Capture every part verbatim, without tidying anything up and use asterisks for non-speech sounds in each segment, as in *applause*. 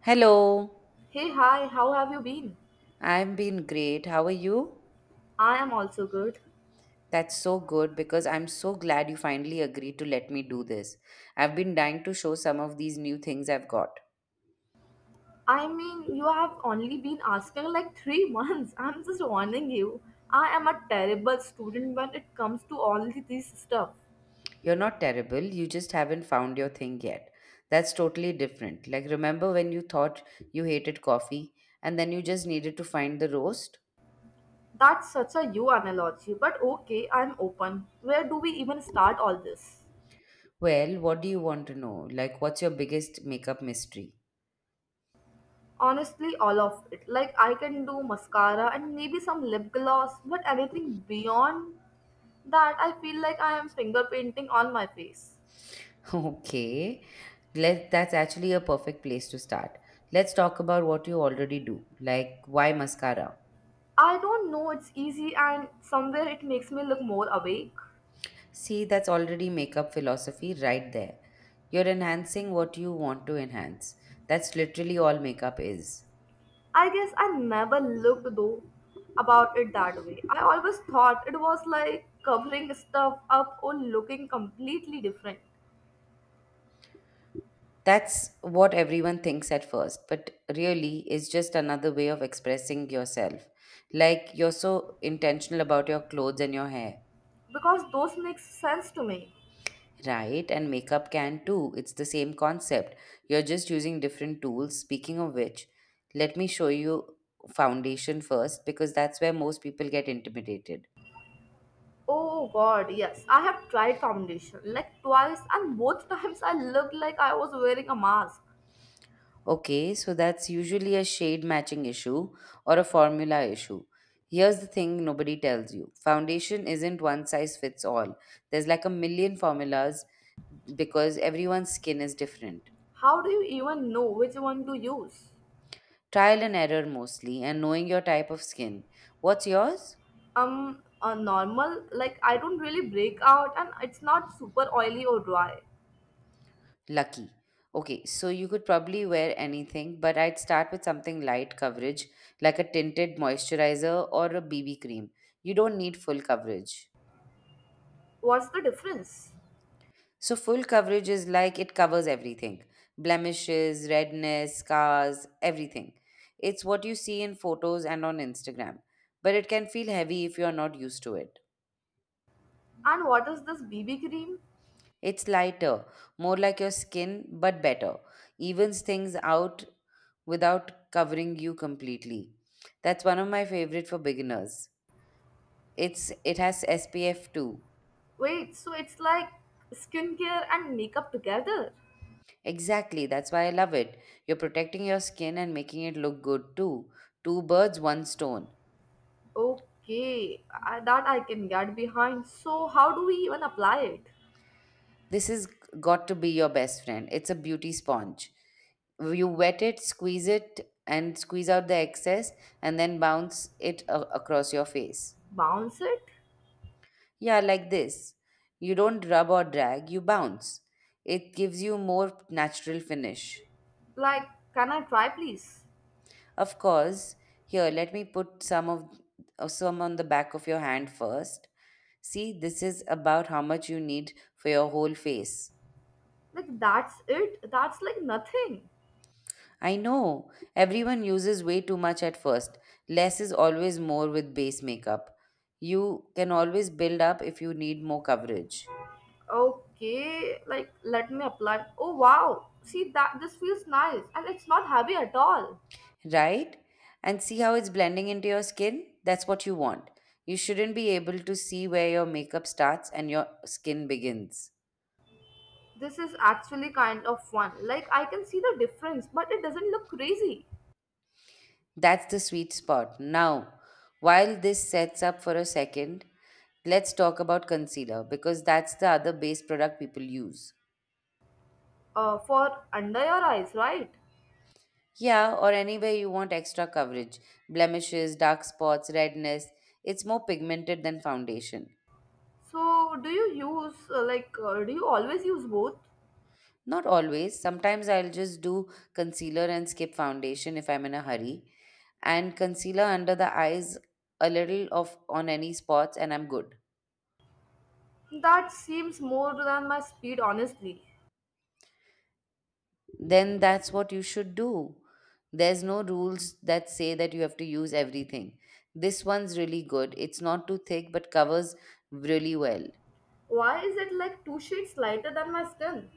Hello, Hey, hi, how have you been? I've been great. How are you? I am also good. That's so good because I'm so glad you finally agreed to let me do this. I've been dying to show some of these new things I've got. I mean, you have only been asking like three months. *laughs* I'm just warning you. I am a terrible student when it comes to all the- this stuff. You're not terrible, you just haven't found your thing yet. That's totally different. Like, remember when you thought you hated coffee and then you just needed to find the roast? That's such a you analogy, but okay, I'm open. Where do we even start all this? Well, what do you want to know? Like, what's your biggest makeup mystery? Honestly, all of it. Like, I can do mascara and maybe some lip gloss, but anything beyond that, I feel like I am finger painting on my face. *laughs* Okay, let that's actually a perfect place to start. Let's talk about what you already do, like why mascara. I don't know, it's easy and somewhere it makes me look more awake. See, that's already makeup philosophy right there. You're enhancing what you want to enhance. That's literally all makeup is. I guess I never looked though about it that way. I always thought it was like covering stuff up or looking completely different That's what everyone thinks at first, but really it's just another way of expressing yourself. Like you're so intentional about your clothes and your hair. because those make sense to me. Right, and makeup can too. It's the same concept. You're just using different tools. Speaking of which, let me show you foundation first because that's where most people get intimidated. Oh god, yes, I have tried foundation like twice and both *laughs* times I looked like I was wearing a mask. Okay, so that's usually a shade matching issue or a formula issue. Here's the thing nobody tells you foundation isn't one size fits all. There's like a million formulas because everyone's skin is different. How do you even know which one to use? Trial and error mostly, and knowing your type of skin. What's yours? um a normal, like, I don't really break out and it's not super oily or dry. Lucky. Okay, so you could probably wear anything, but I'd start with something light coverage, like a tinted moisturizer or a B B cream. You don't need full coverage. What's the difference? So, full coverage is like it covers everything, blemishes, redness, scars, everything. It's what you see in photos and on Instagram, but it can feel heavy if you're not used to it. And what is this BB cream? It's lighter, more like your skin, but better. Evens things out without covering you completely. That's one of my favorite for beginners. It's it has S P F too. Wait, so it's like skincare and makeup together? Exactly, that's why I love it. You're protecting your skin and making it look good too. Two birds, one stone. Okay, I, that I can get behind. So how do we even apply it? This has got to be your best friend. It's a beauty sponge, you wet it, squeeze it, and squeeze out the excess, and then bounce it a- across your face. Bounce it? Yeah, like this. You don't rub or drag, you bounce. It gives you more natural finish. Like, can I try, please? Of course, here let me put some of uh, some on the back of your hand first. See, this is about how much you need for your whole face. Like, that's it? That's like nothing. I know everyone uses way too much at first. Less is always more with base makeup. You can always build up if you need more coverage. Okay, like, let me apply. Oh wow, see, that this feels nice and it's not heavy at all. Right? And see how it's blending into your skin? That's what you want. You shouldn't be able to see where your makeup starts and your skin begins. This is actually kind of fun. Like, I can see the difference, but it doesn't look crazy. That's the sweet spot. Now, while this sets up for a second, let's talk about concealer because that's the other base product people use. Uh, for under your eyes, right? Yeah, or anywhere you want extra coverage, blemishes, dark spots, redness. It's more pigmented than foundation. So do you use, uh, like uh, do you always use both? Not always. Sometimes I'll just do concealer and skip foundation if I'm in a hurry. And concealer under the eyes, a little of on any spots and I'm good. That seems more than my speed, honestly. Then that's what you should do. There's no rules that say that you have to use everything. This one's really good. It's not too thick but covers really well. Why is it like two shades lighter than my skin?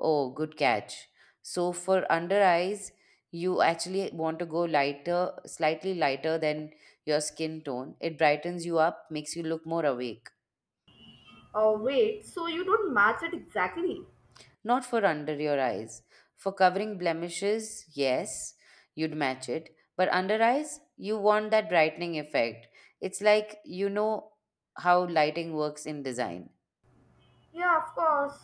Oh, good catch. So for under eyes, you actually want to go lighter, slightly lighter than your skin tone. It brightens you up, makes you look more awake. Oh wait, so you don't match it exactly? Not for under your eyes. For covering blemishes, yes, you'd match it. But under eyes, you want that brightening effect. It's like, you know, how lighting works in design. Yeah, of course.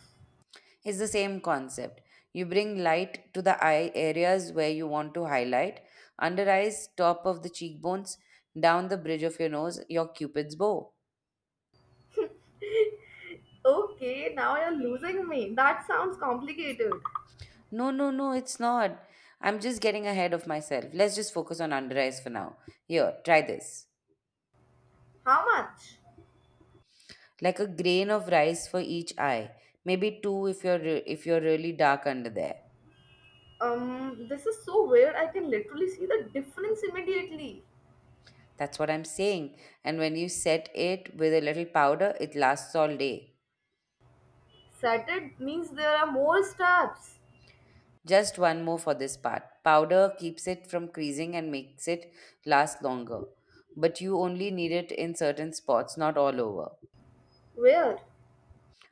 It's the same concept. You bring light to the eye areas where you want to highlight, under eyes, top of the cheekbones, down the bridge of your nose, your cupid's bow. Okay, now you're losing me. That sounds complicated. No, no, no, it's not. I'm just getting ahead of myself. Let's just focus on under eyes for now. Here, try this. How much? Like a grain of rice for each eye, maybe two if you're re- if you're really dark under there. Um, this is so weird. I can literally see the difference immediately. That's what I'm saying. And when you set it with a little powder, it lasts all day. Saturn means there are more steps. Just one more for this part. Powder keeps it from creasing and makes it last longer, but you only need it in certain spots, not all over. Where?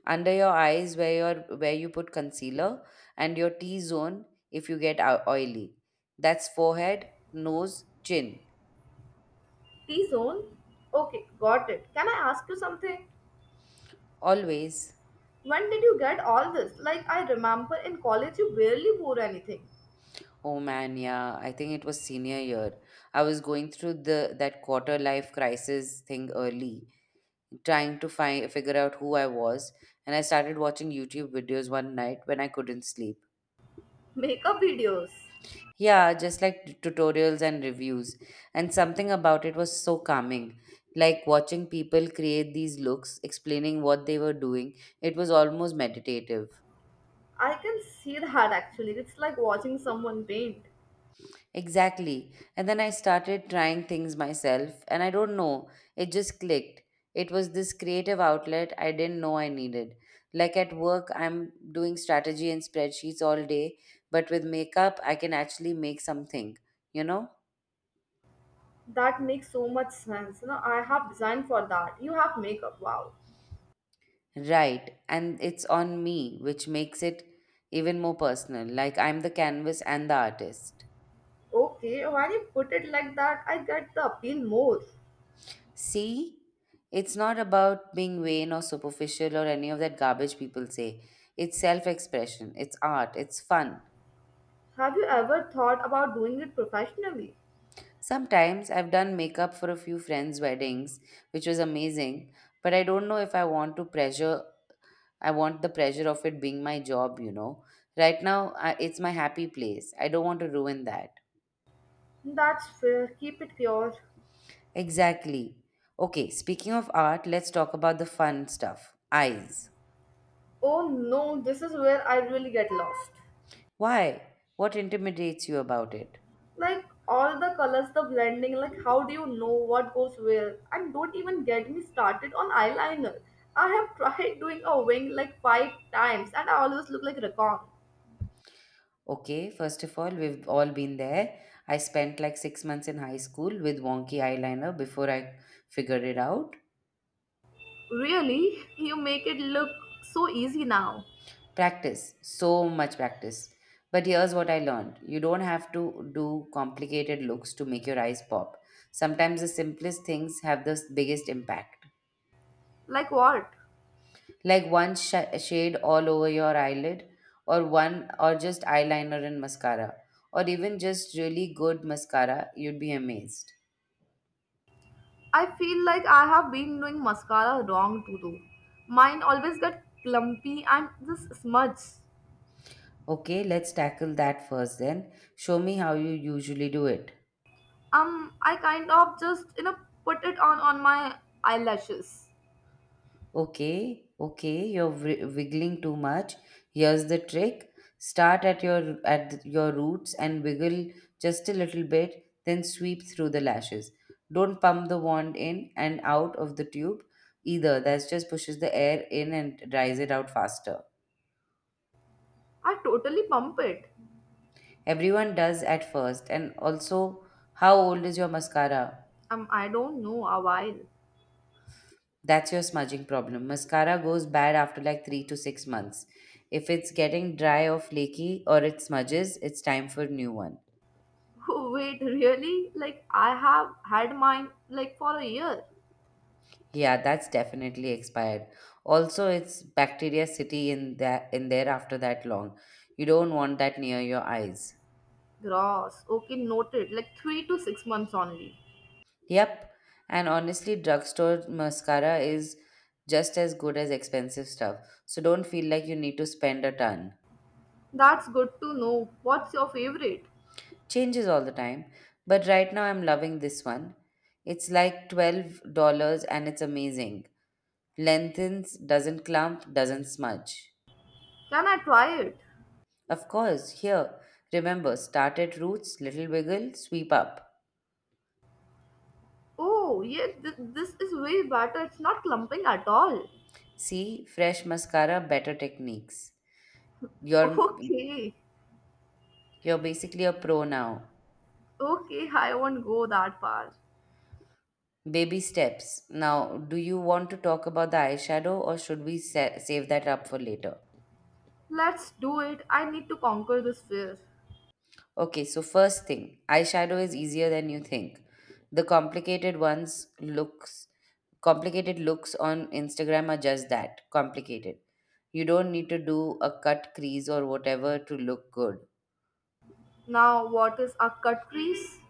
Under your eyes, where your where you put concealer, and your T zone if you get ou- oily. That's forehead, nose, chin. T zone? Okay, got it. Can I ask you something? Always. When did you get all this? Like, I remember in college you barely wore anything. Oh man, yeah. I think it was senior year. I was going through the that quarter life crisis thing early, trying to find figure out who I was, and I started watching YouTube videos one night when I couldn't sleep. Makeup videos. Yeah, just like t- tutorials and reviews. And something about it was so calming. Like watching people create these looks, explaining what they were doing, it was almost meditative. I can see that actually. It's like watching someone paint. Exactly. And then I started trying things myself, and I don't know, it just clicked. It was this creative outlet I didn't know I needed. Like at work, I'm doing strategy and spreadsheets all day, but with makeup, I can actually make something, you know? That makes so much sense. You know, I have designed for that. You have makeup. Wow. Right. And it's on me, which makes it even more personal. Like I'm the canvas and the artist. Okay, when you put it like that, I get the appeal more. See, it's not about being vain or superficial or any of that garbage people say. It's self expression, it's art, it's fun. Have you ever thought about doing it professionally? Sometimes I've done makeup for a few friends' weddings, which was amazing, but I don't know if I want to pressure, I want the pressure of it being my job, you know. Right now, I, it's my happy place. I don't want to ruin that. That's fair. Keep it pure. Exactly. Okay, speaking of art, let's talk about the fun stuff, eyes. Oh no, this is where I really get lost. Why? What intimidates you about it? Like, all the colors, the blending, like, how do you know what goes where? And don't even get me started on eyeliner. I have *laughs* tried doing a wing like five times and I always look like Rakan. Okay, first of all, we've all been there. I spent like six months in high school with wonky eyeliner before I figured it out. Really? You make it look so easy now. Practice, so much practice. But here's what I learned, you don't have to do complicated looks to make your eyes pop. Sometimes the simplest things have the biggest impact. Like what? Like one sh- shade all over your eyelid, or one, or just eyeliner and mascara, or even just really good mascara, you'd be amazed. I feel like I have been doing mascara wrong too though. Mine always get clumpy and this smudge. Okay, let's tackle that first then. Show me how you usually do it. Um, I kind of just, you know, put it on on my eyelashes. Okay, okay, you're wri- wiggling too much. Here's the trick. Start at your at th- your roots and wiggle just a little bit, then sweep through the lashes. Don't pump the wand in and out of the tube either. That just pushes the air in and dries it out faster. I totally pump it. Everyone does at first. And also, how old is your mascara? Um, I don't know, a while. That's your smudging problem. Mascara goes bad after like three to six months. If it's getting dry or flaky or it smudges, it's time for new one. *laughs* Wait, really? Like, I have had mine like for a year. Yeah, that's definitely expired. Also, it's bacteria city in that in there after that long. You don't want that near your eyes. Gross. Okay, noted. Like, three to six months only. Yep. And honestly, drugstore mascara is just as good as expensive stuff. So don't feel like you need to spend a ton. That's good to know. What's your favorite? Changes all the time, but right now I'm loving this one. It's like twelve dollars and it's amazing. Lengthens, doesn't clump, doesn't smudge. Can I try it? Of course, here, remember start at roots, little wiggle, sweep up. Oh, yeah, th- this is way better. It's not clumping at all. See, fresh mascara, better techniques. *laughs* You're Okay, you're basically a pro now. okay, I won't go that far. Baby steps. Now, do you want to talk about the eyeshadow or should we sa- save that up for later? Let's do it. I need to conquer this fear. Okay, so first thing, eyeshadow is easier than you think. The complicated ones looks complicated looks on Instagram are just that, complicated. You don't need to do a cut crease or whatever to look good. Now, what is a cut crease?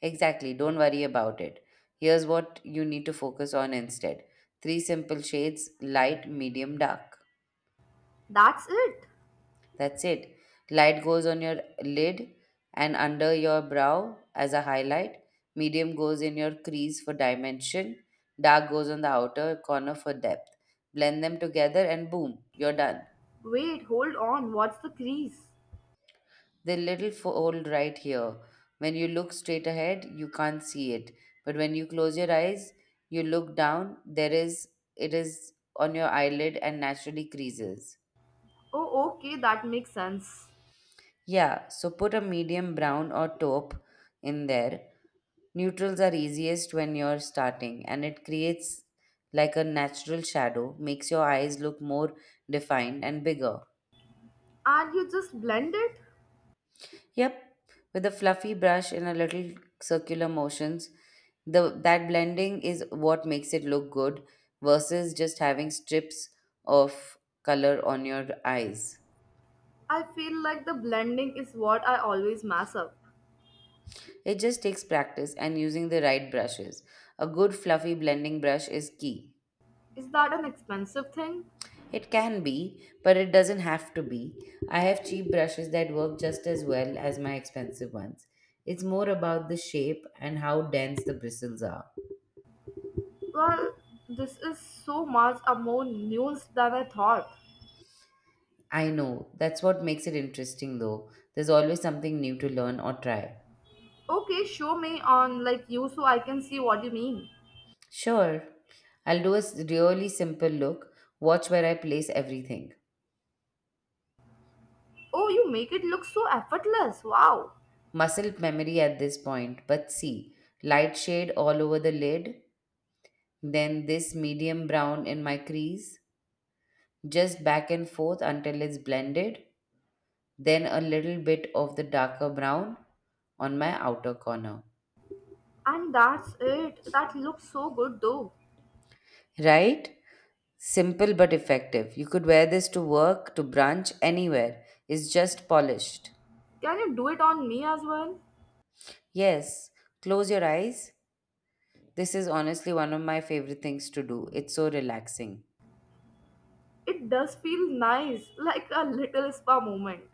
Exactly, don't worry about it. Here's what you need to focus on instead. Three simple shades, light, medium, dark. That's it? That's it. Light goes on your lid and under your brow as a highlight. Medium goes in your crease for dimension. Dark goes on the outer corner for depth. Blend them together and boom, you're done. Wait, hold on. What's the crease? The little fold right here. When you look straight ahead, you can't see it. But when you close your eyes, you look down, there is it is on your eyelid and naturally creases. Oh, okay, that makes sense. Yeah, so put a medium brown or taupe in there. Neutrals are easiest when you're starting, and it creates like a natural shadow, makes your eyes look more defined and bigger. And you just blend it? Yep, with a fluffy brush and a little circular motions, the that blending is what makes it look good versus just having strips of color on your eyes. I feel like the blending is what I always mess up. It just takes practice and using the right brushes. A good fluffy blending brush is key. Is that an expensive thing? It can be, but it doesn't have to be. I have cheap brushes that work just as well as my expensive ones. It's more about the shape and how dense the bristles are. Well, this is so much a more news than I thought. I know, that's what makes it interesting though. There's always something new to learn or try. Okay, show me on like you so I can see what you mean. Sure, I'll do a s- really simple look, watch where I place everything. Oh, you make it look so effortless. Wow. Muscle memory at this point, but see, light shade all over the lid, then this medium brown in my crease, just back and forth until it's blended, then a little bit of the darker brown on my outer corner. And that's it? That looks so good though. Right? Simple but effective. You could wear this to work, to brunch, anywhere. It's just polished. Can you do it on me as well? Yes, close your eyes. This is honestly one of my favorite things to do. It's so relaxing. It does feel nice, *laughs* like a little spa moment.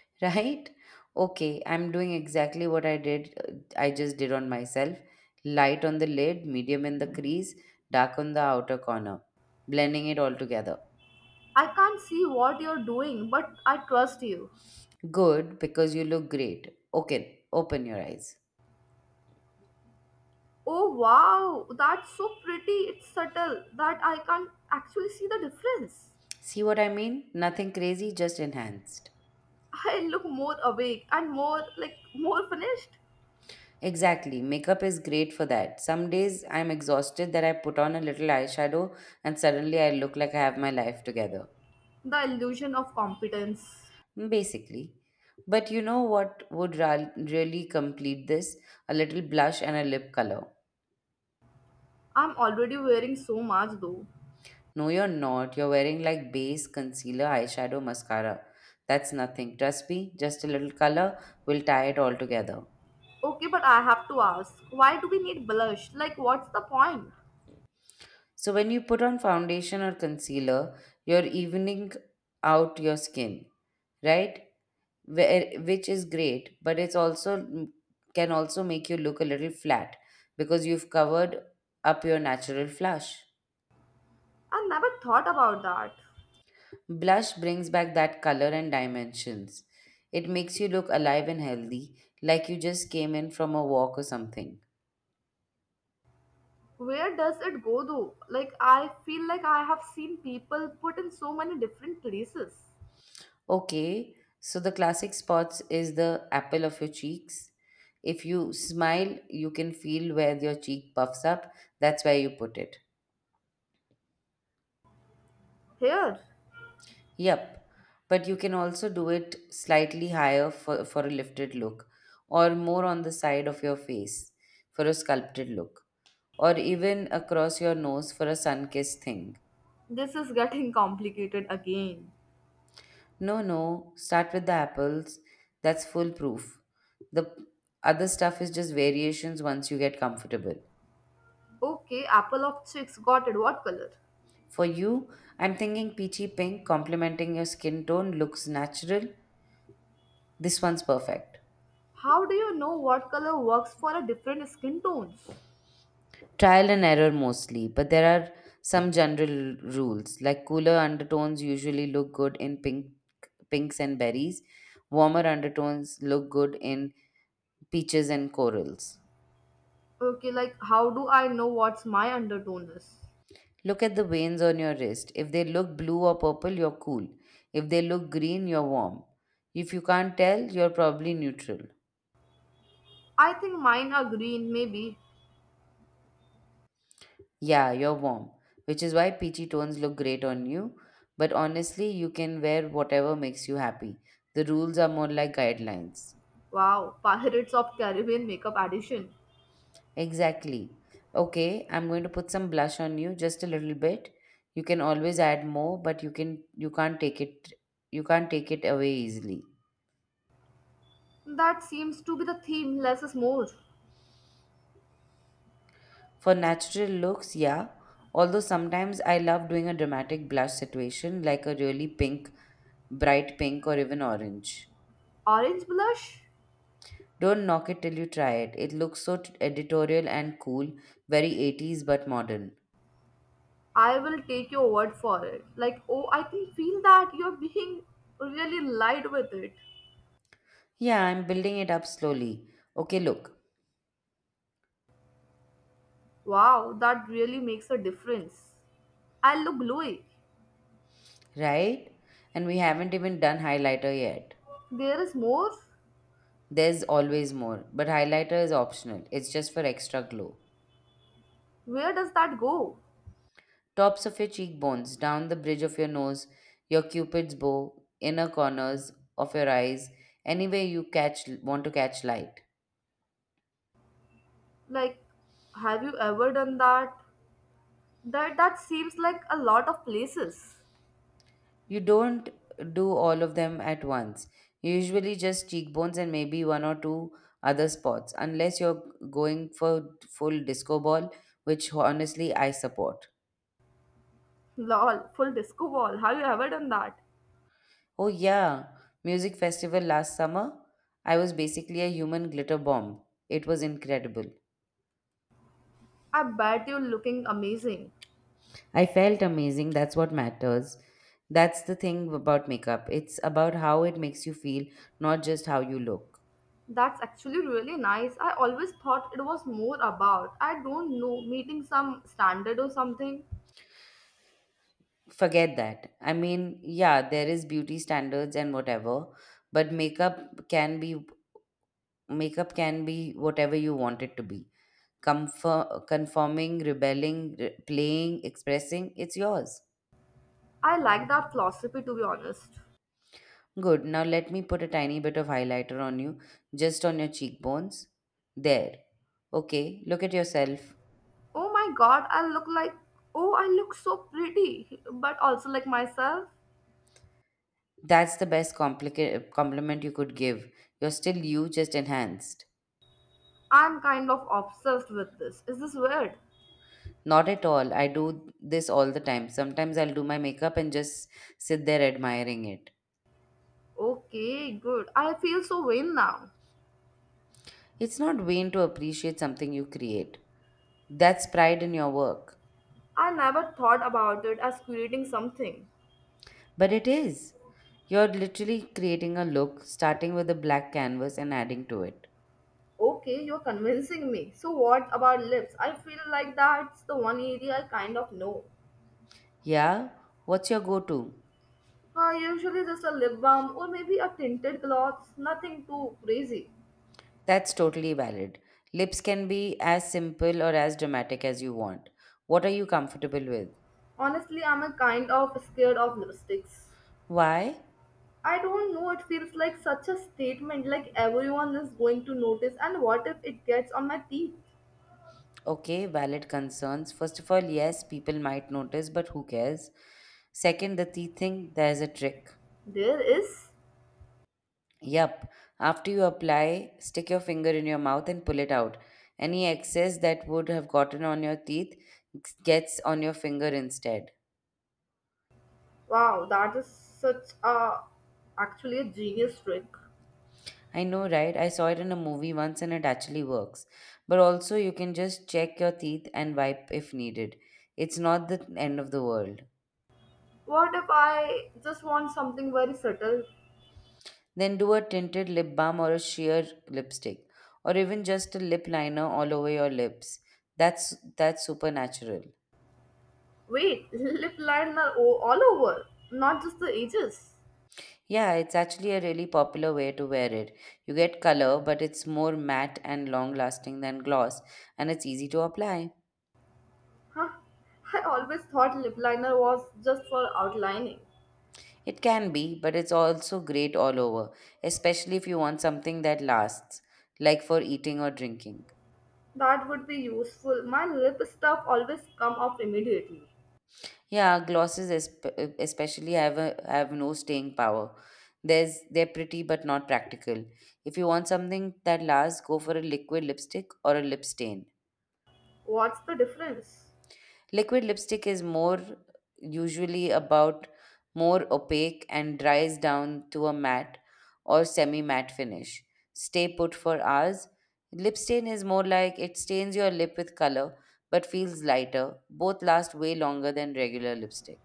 *laughs* Right? Okay, I'm doing exactly what I did, uh, I just did on myself. Light on the lid, medium in the crease, dark on the outer corner, blending it all together. I can't see what you're doing, but I trust you. Good, because you look great. Okay, open your eyes. Oh wow, that's so pretty. It's subtle that I can't actually see the difference. See what I mean? Nothing crazy, just enhanced. I look more awake and more like, more finished. Exactly, makeup is great for that. Some days I'm exhausted that I put on a little eyeshadow and suddenly I look like I have my life together. The illusion of competence. Basically. But you know what would ra- really complete this? A little blush and a lip color. I'm already wearing so much though. No, you're not. You're wearing like base, concealer, eyeshadow, mascara. That's nothing. Trust me, just a little color will tie it all together. Okay, but I have to ask, why do we need blush? Like, what's the point? So when you put on foundation or concealer, you're evening out your skin, right? where, which is great, but it's also can also make you look a little flat because you've covered up your natural flush. I never thought about that. Blush brings back that color and dimensions. It makes you look alive and healthy, like you just came in from a walk or something. Where does it go though? Like, I feel like I have seen people put in so many different places. Okay, so the classic spots is the apple of your cheeks. If you smile, you can feel where your cheek puffs up. That's where you put it. Here? Yep. But you can also do it slightly higher for, for a lifted look, or more on the side of your face for a sculpted look, or even across your nose for a sun kissed thing. This is getting *laughs* complicated again. No, no, start with the apples. That's foolproof. The other stuff is just variations once you get comfortable. Okay, apple of chicks, got it. What color? For you, I'm thinking peachy pink, complementing your skin tone, looks natural. This one's perfect. How do you know what color works for a different skin tones? Trial and error mostly, but there are some general rules like cooler undertones usually look good in pink, pinks and berries, warmer undertones look good in peaches and corals. Okay, like, how do I know what's my undertone is? Look at the veins on your wrist. If they look blue or purple, you're cool. If they look green, you're warm. If you can't tell, you're probably neutral. I think mine are green, maybe. Yeah, you're warm, which is why peachy tones look great on you. But honestly, you can wear whatever makes you happy. The rules are more like guidelines. Wow, *laughs* Pirates of Caribbean makeup addition. Exactly. Okay, I'm going to put some blush on you, just a little bit. You can always add more, but you can you can't take it you can't take it away easily. That seems to be the theme, less is more. For natural looks, yeah. Although sometimes I love doing a dramatic blush situation like a really pink, bright pink, or even orange. Orange blush? Don't knock it till you try it. It looks so t- editorial and cool, very eighties but modern. I will take your word for it. Like, oh, I can feel that you're being really light with it. Yeah, I'm building it up slowly. Okay, look, Wow, that really makes a difference. I look glowy. right? And we haven't even done highlighter yet. There is more? There's always more, but highlighter is optional, it's just for extra glow. Where does that go? Tops of your cheekbones, down the bridge of your nose, your cupid's bow, inner corners of your eyes, anywhere you catch want to catch light. Like, have you ever done that? That that seems like a lot of places. You don't do all of them at once. You usually just cheekbones and maybe one or two other spots, unless you're going for full disco ball, which honestly I support. Lol, full disco ball. Have you ever done that? Oh yeah, music festival last summer. I was basically a human glitter bomb. It was incredible. I bet you're looking amazing. I felt amazing. That's what matters. That's the thing about makeup. It's about how it makes you feel, not just how you look. That's actually really nice. I always thought it was more about, I don't know, meeting some standard or something. Forget that. I mean, yeah, there is beauty standards and whatever, but makeup can be makeup can be whatever you want it to be. Comfort, conforming, rebelling, re- playing, expressing, it's yours. I like that philosophy to be honest. Good. Now let me put a tiny bit of highlighter on you, just on your cheekbones. There. Okay, look at yourself. Oh my god, I look like, oh, I look so pretty, but also like myself. That's the best complica- compliment you could give. You're still you, just enhanced. I'm kind of obsessed with this. Is this weird? Not at all. I do this all the time. Sometimes I'll do my makeup and just sit there admiring it. Okay, good. I feel so vain now. It's not vain to appreciate something you create. That's pride in your work. I never thought about it as creating something. But it is. You're literally creating a look, starting with a black canvas and adding to it. Okay, you're convincing me. So, what about lips? I feel like that's the one area I kind of know. Yeah? What's your go to? Uh, usually, just a lip balm or maybe a tinted gloss, nothing too crazy. That's totally valid. Lips can be as simple or as dramatic as you want. What are you comfortable with? Honestly, I'm a kind of scared of lipsticks. Why? I don't know, it feels like such a statement, like everyone is going to notice, and what if it gets on my teeth? Okay, valid concerns. First of all, yes, people might notice, but who cares? Second, the teeth thing, there's a trick. There is? Yup. After you apply, stick your finger in your mouth and pull it out. Any excess that would have gotten on your teeth gets on your finger instead. Wow, that is such a actually a genius trick. I know, right? I saw it in a movie once and it actually works. But also, you can just check your teeth and wipe if needed. It's not the end of the world. What if I just want something very subtle? Then do a tinted lip balm or a sheer lipstick, or even just a lip liner all over your lips. That's that's supernatural. Wait, *laughs* lip liner o- all over, not just the edges? Yeah, it's actually a really popular way to wear it. You get color, but it's more matte and long lasting than gloss, and it's easy to apply. Huh? I always thought lip liner was just for outlining. It can be, but it's also great all over, especially if you want something that lasts, like for eating or drinking. That would be useful. My lip stuff always come off immediately. Yeah, glosses esp- especially have a, have no staying power. There's they're pretty but not practical. If you want something that lasts, go for a liquid lipstick or a lip stain. What's the difference? Liquid lipstick is more usually about more opaque and dries down to a matte or semi matte finish. Stay put for hours. Lip stain is more like it stains your lip with color but feels lighter. Both last way longer than regular lipstick.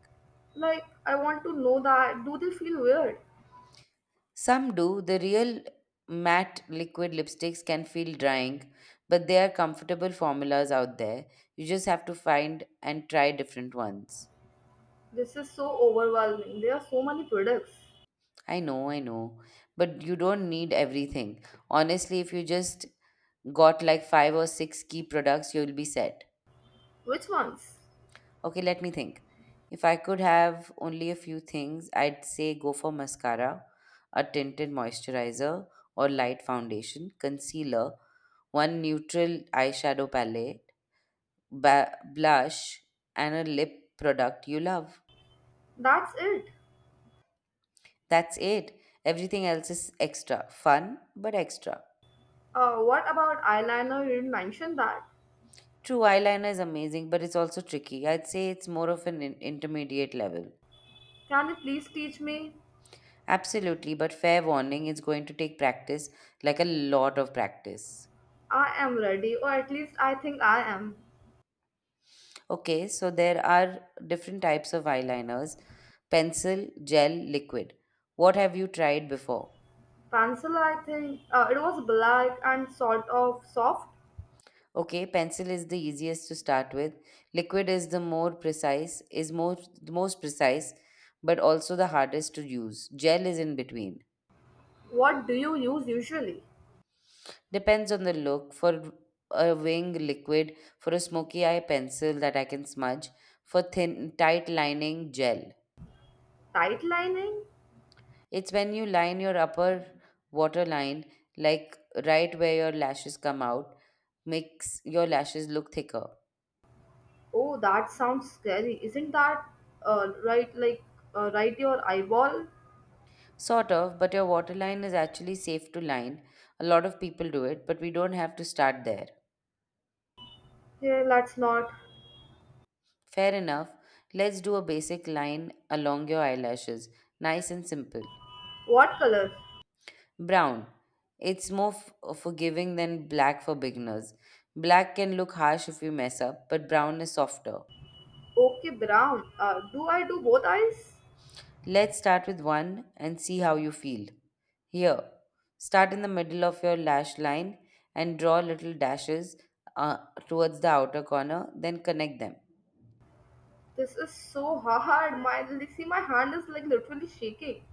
Like, I want to know that. Do they feel weird? Some do. The real matte liquid lipsticks can feel drying, but there are comfortable formulas out there. You just have to find and try different ones. This is so overwhelming. There are so many products. I know, I know. But you don't need everything. Honestly, if you just got like five or six key products, you'll be set. Which ones? Okay, let me think. If I could have only a few things, I'd say go for mascara, a tinted moisturizer or light foundation, concealer, one neutral eyeshadow palette, ba- blush, and a lip product you love. That's it? That's it. Everything else is extra. Fun, but extra. Uh, what about eyeliner? You didn't mention that. True, eyeliner is amazing, but it's also tricky. I'd say it's more of an in- intermediate level. Can you please teach me? Absolutely, but fair warning, it's going to take practice, like a lot of practice. I am ready, or at least I think I am. Okay, so there are different types of eyeliners: pencil, gel, liquid. What have you tried before? Pencil, I think. Uh, it was black and sort of soft. Okay, pencil is the easiest to start with. Liquid is the more precise, is more the most precise, but also the hardest to use. Gel is in between. What do you use usually? Depends on the look. For a wing, liquid; for a smoky eye, pencil that I can smudge; for thin tight lining, gel. Tight lining? It's when you line your upper waterline, like right where your lashes come out, makes your lashes look thicker. Oh, that sounds scary. Isn't that, uh, right? Like, uh, right your eyeball? Sort of, but your water line is actually safe to line. A lot of people do it, but we don't have to start there. Here, let's not. Fair enough. Let's do a basic line along your eyelashes. Nice and simple. What color? Brown. It's more f- uh, forgiving than black for beginners. Black can look harsh if you mess up, but brown is softer. Okay, brown. Uh, do I do both eyes? Let's start with one and see how you feel. Here, start in the middle of your lash line and draw little dashes, uh, towards the outer corner, then connect them. This is so *laughs* hard. My See, my hand is like literally shaking.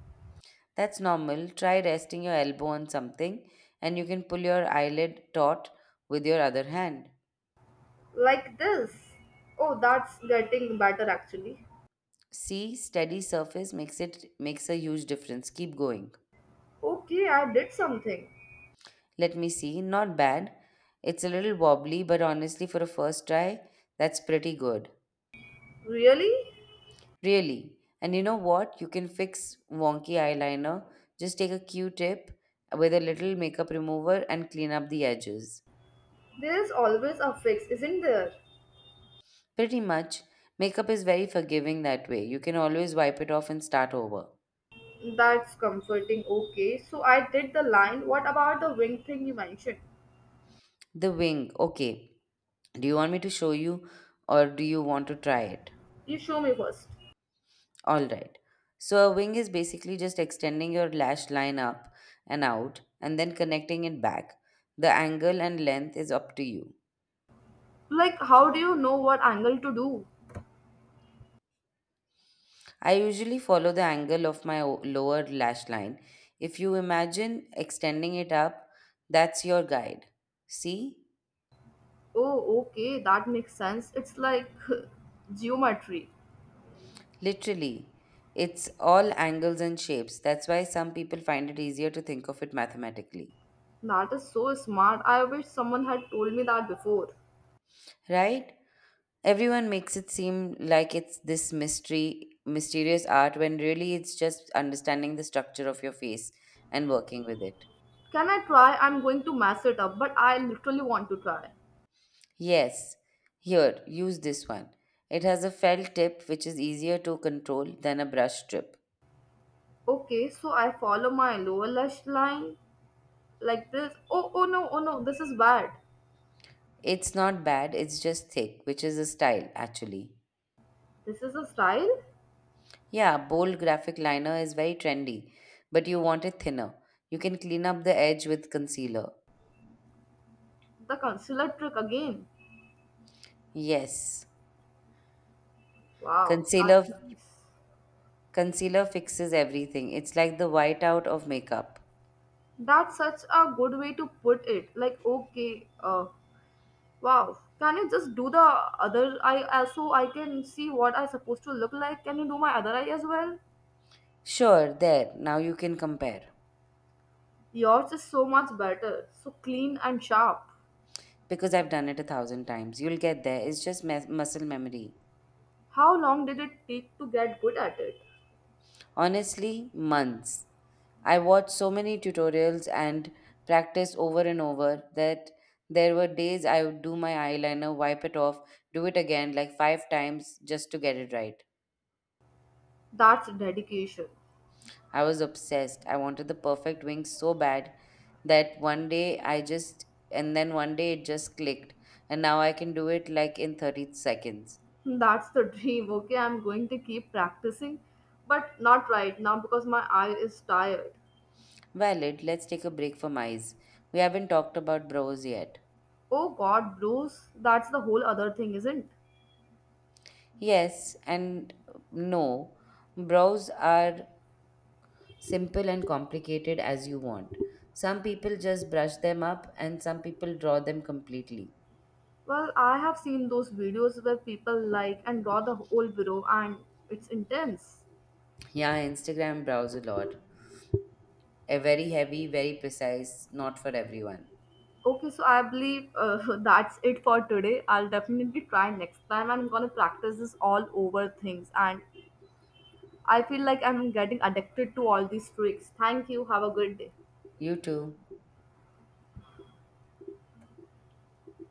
That's normal. Try resting your elbow on something, and you can pull your eyelid taut with your other hand. Like this. Oh, that's getting better actually. See, steady surface makes it makes a huge difference. Keep going. Okay, I did something. Let me see. Not bad. It's a little wobbly, but honestly for a first try, that's pretty good. Really? Really. And you know what? You can fix wonky eyeliner. Just take a Q-tip with a little makeup remover and clean up the edges. There's always a fix, isn't there? Pretty much, makeup is very forgiving that way. You can always wipe it off and start over. That's comforting. Okay, so I did the line. What about the wing thing you mentioned? The wing. Okay. Do you want me to show you or do you want to try it? You show me first. All right. So, a wing is basically just extending your lash line up and out and then connecting it back. The angle and length is up to you. Like, how do you know what angle to do? I usually follow the angle of my o- lower lash line. If you imagine extending it up, that's your guide. See? Oh, okay, that makes sense. It's like *laughs* geometry. Literally. It's all angles and shapes. That's why some people find it easier to think of it mathematically. That is so smart. I wish someone had told me that before. Right? Everyone makes it seem like it's this mystery, mysterious art, when really it's just understanding the structure of your face and working with it. Can I try? I'm going to mess it up, but I literally want to try. Yes, here, use this one. It has a felt tip, which is easier to control than a brush strip. Okay, so I follow my lower lash line like this. Oh, oh no, oh no, this is bad. It's not bad, it's just thick, which is a style actually. This is a style? Yeah, bold graphic liner is very trendy, but you want it thinner. You can clean up the edge with concealer. The concealer trick again. Yes. Wow, Concealer that's nice. concealer fixes everything. It's like the whiteout of makeup. That's such a good way to put it. Like, okay, uh, wow. Can you just do the other eye uh, so I can see what I'm supposed to look like? Can you do my other eye as well? Sure, there. Now you can compare. Yours is so much better, so clean and sharp. Because I've done it a thousand times. You'll get there. It's just mes- muscle memory. How long did it take to get good at it? Honestly, months. I watched so many tutorials and practiced over and over, that there were days I would do my eyeliner, wipe it off, do it again like five times just to get it right. That's dedication. I was obsessed. I wanted the perfect wing so bad that one day I just, and then one day it just clicked. And now I can do it like in thirty seconds. That's the dream. Okay, I'm going to keep practicing, but not right now because my eye is tired. Valid, let's take a break from eyes. We haven't talked about brows yet. Oh god, blues. That's the whole other thing, isn't? Yes and no. Brows are simple and complicated as you want. Some people just brush them up and some people draw them completely. Well, I have seen those videos where people like and draw the whole bureau and it's intense. Yeah, Instagram brows a lot. A very heavy, very precise, not for everyone. Okay, so I believe uh, *laughs* that's it for today. I'll definitely try next time. I'm gonna practice this all over things and I feel like I'm getting addicted to all these tricks. Thank you. Have a good day. You too.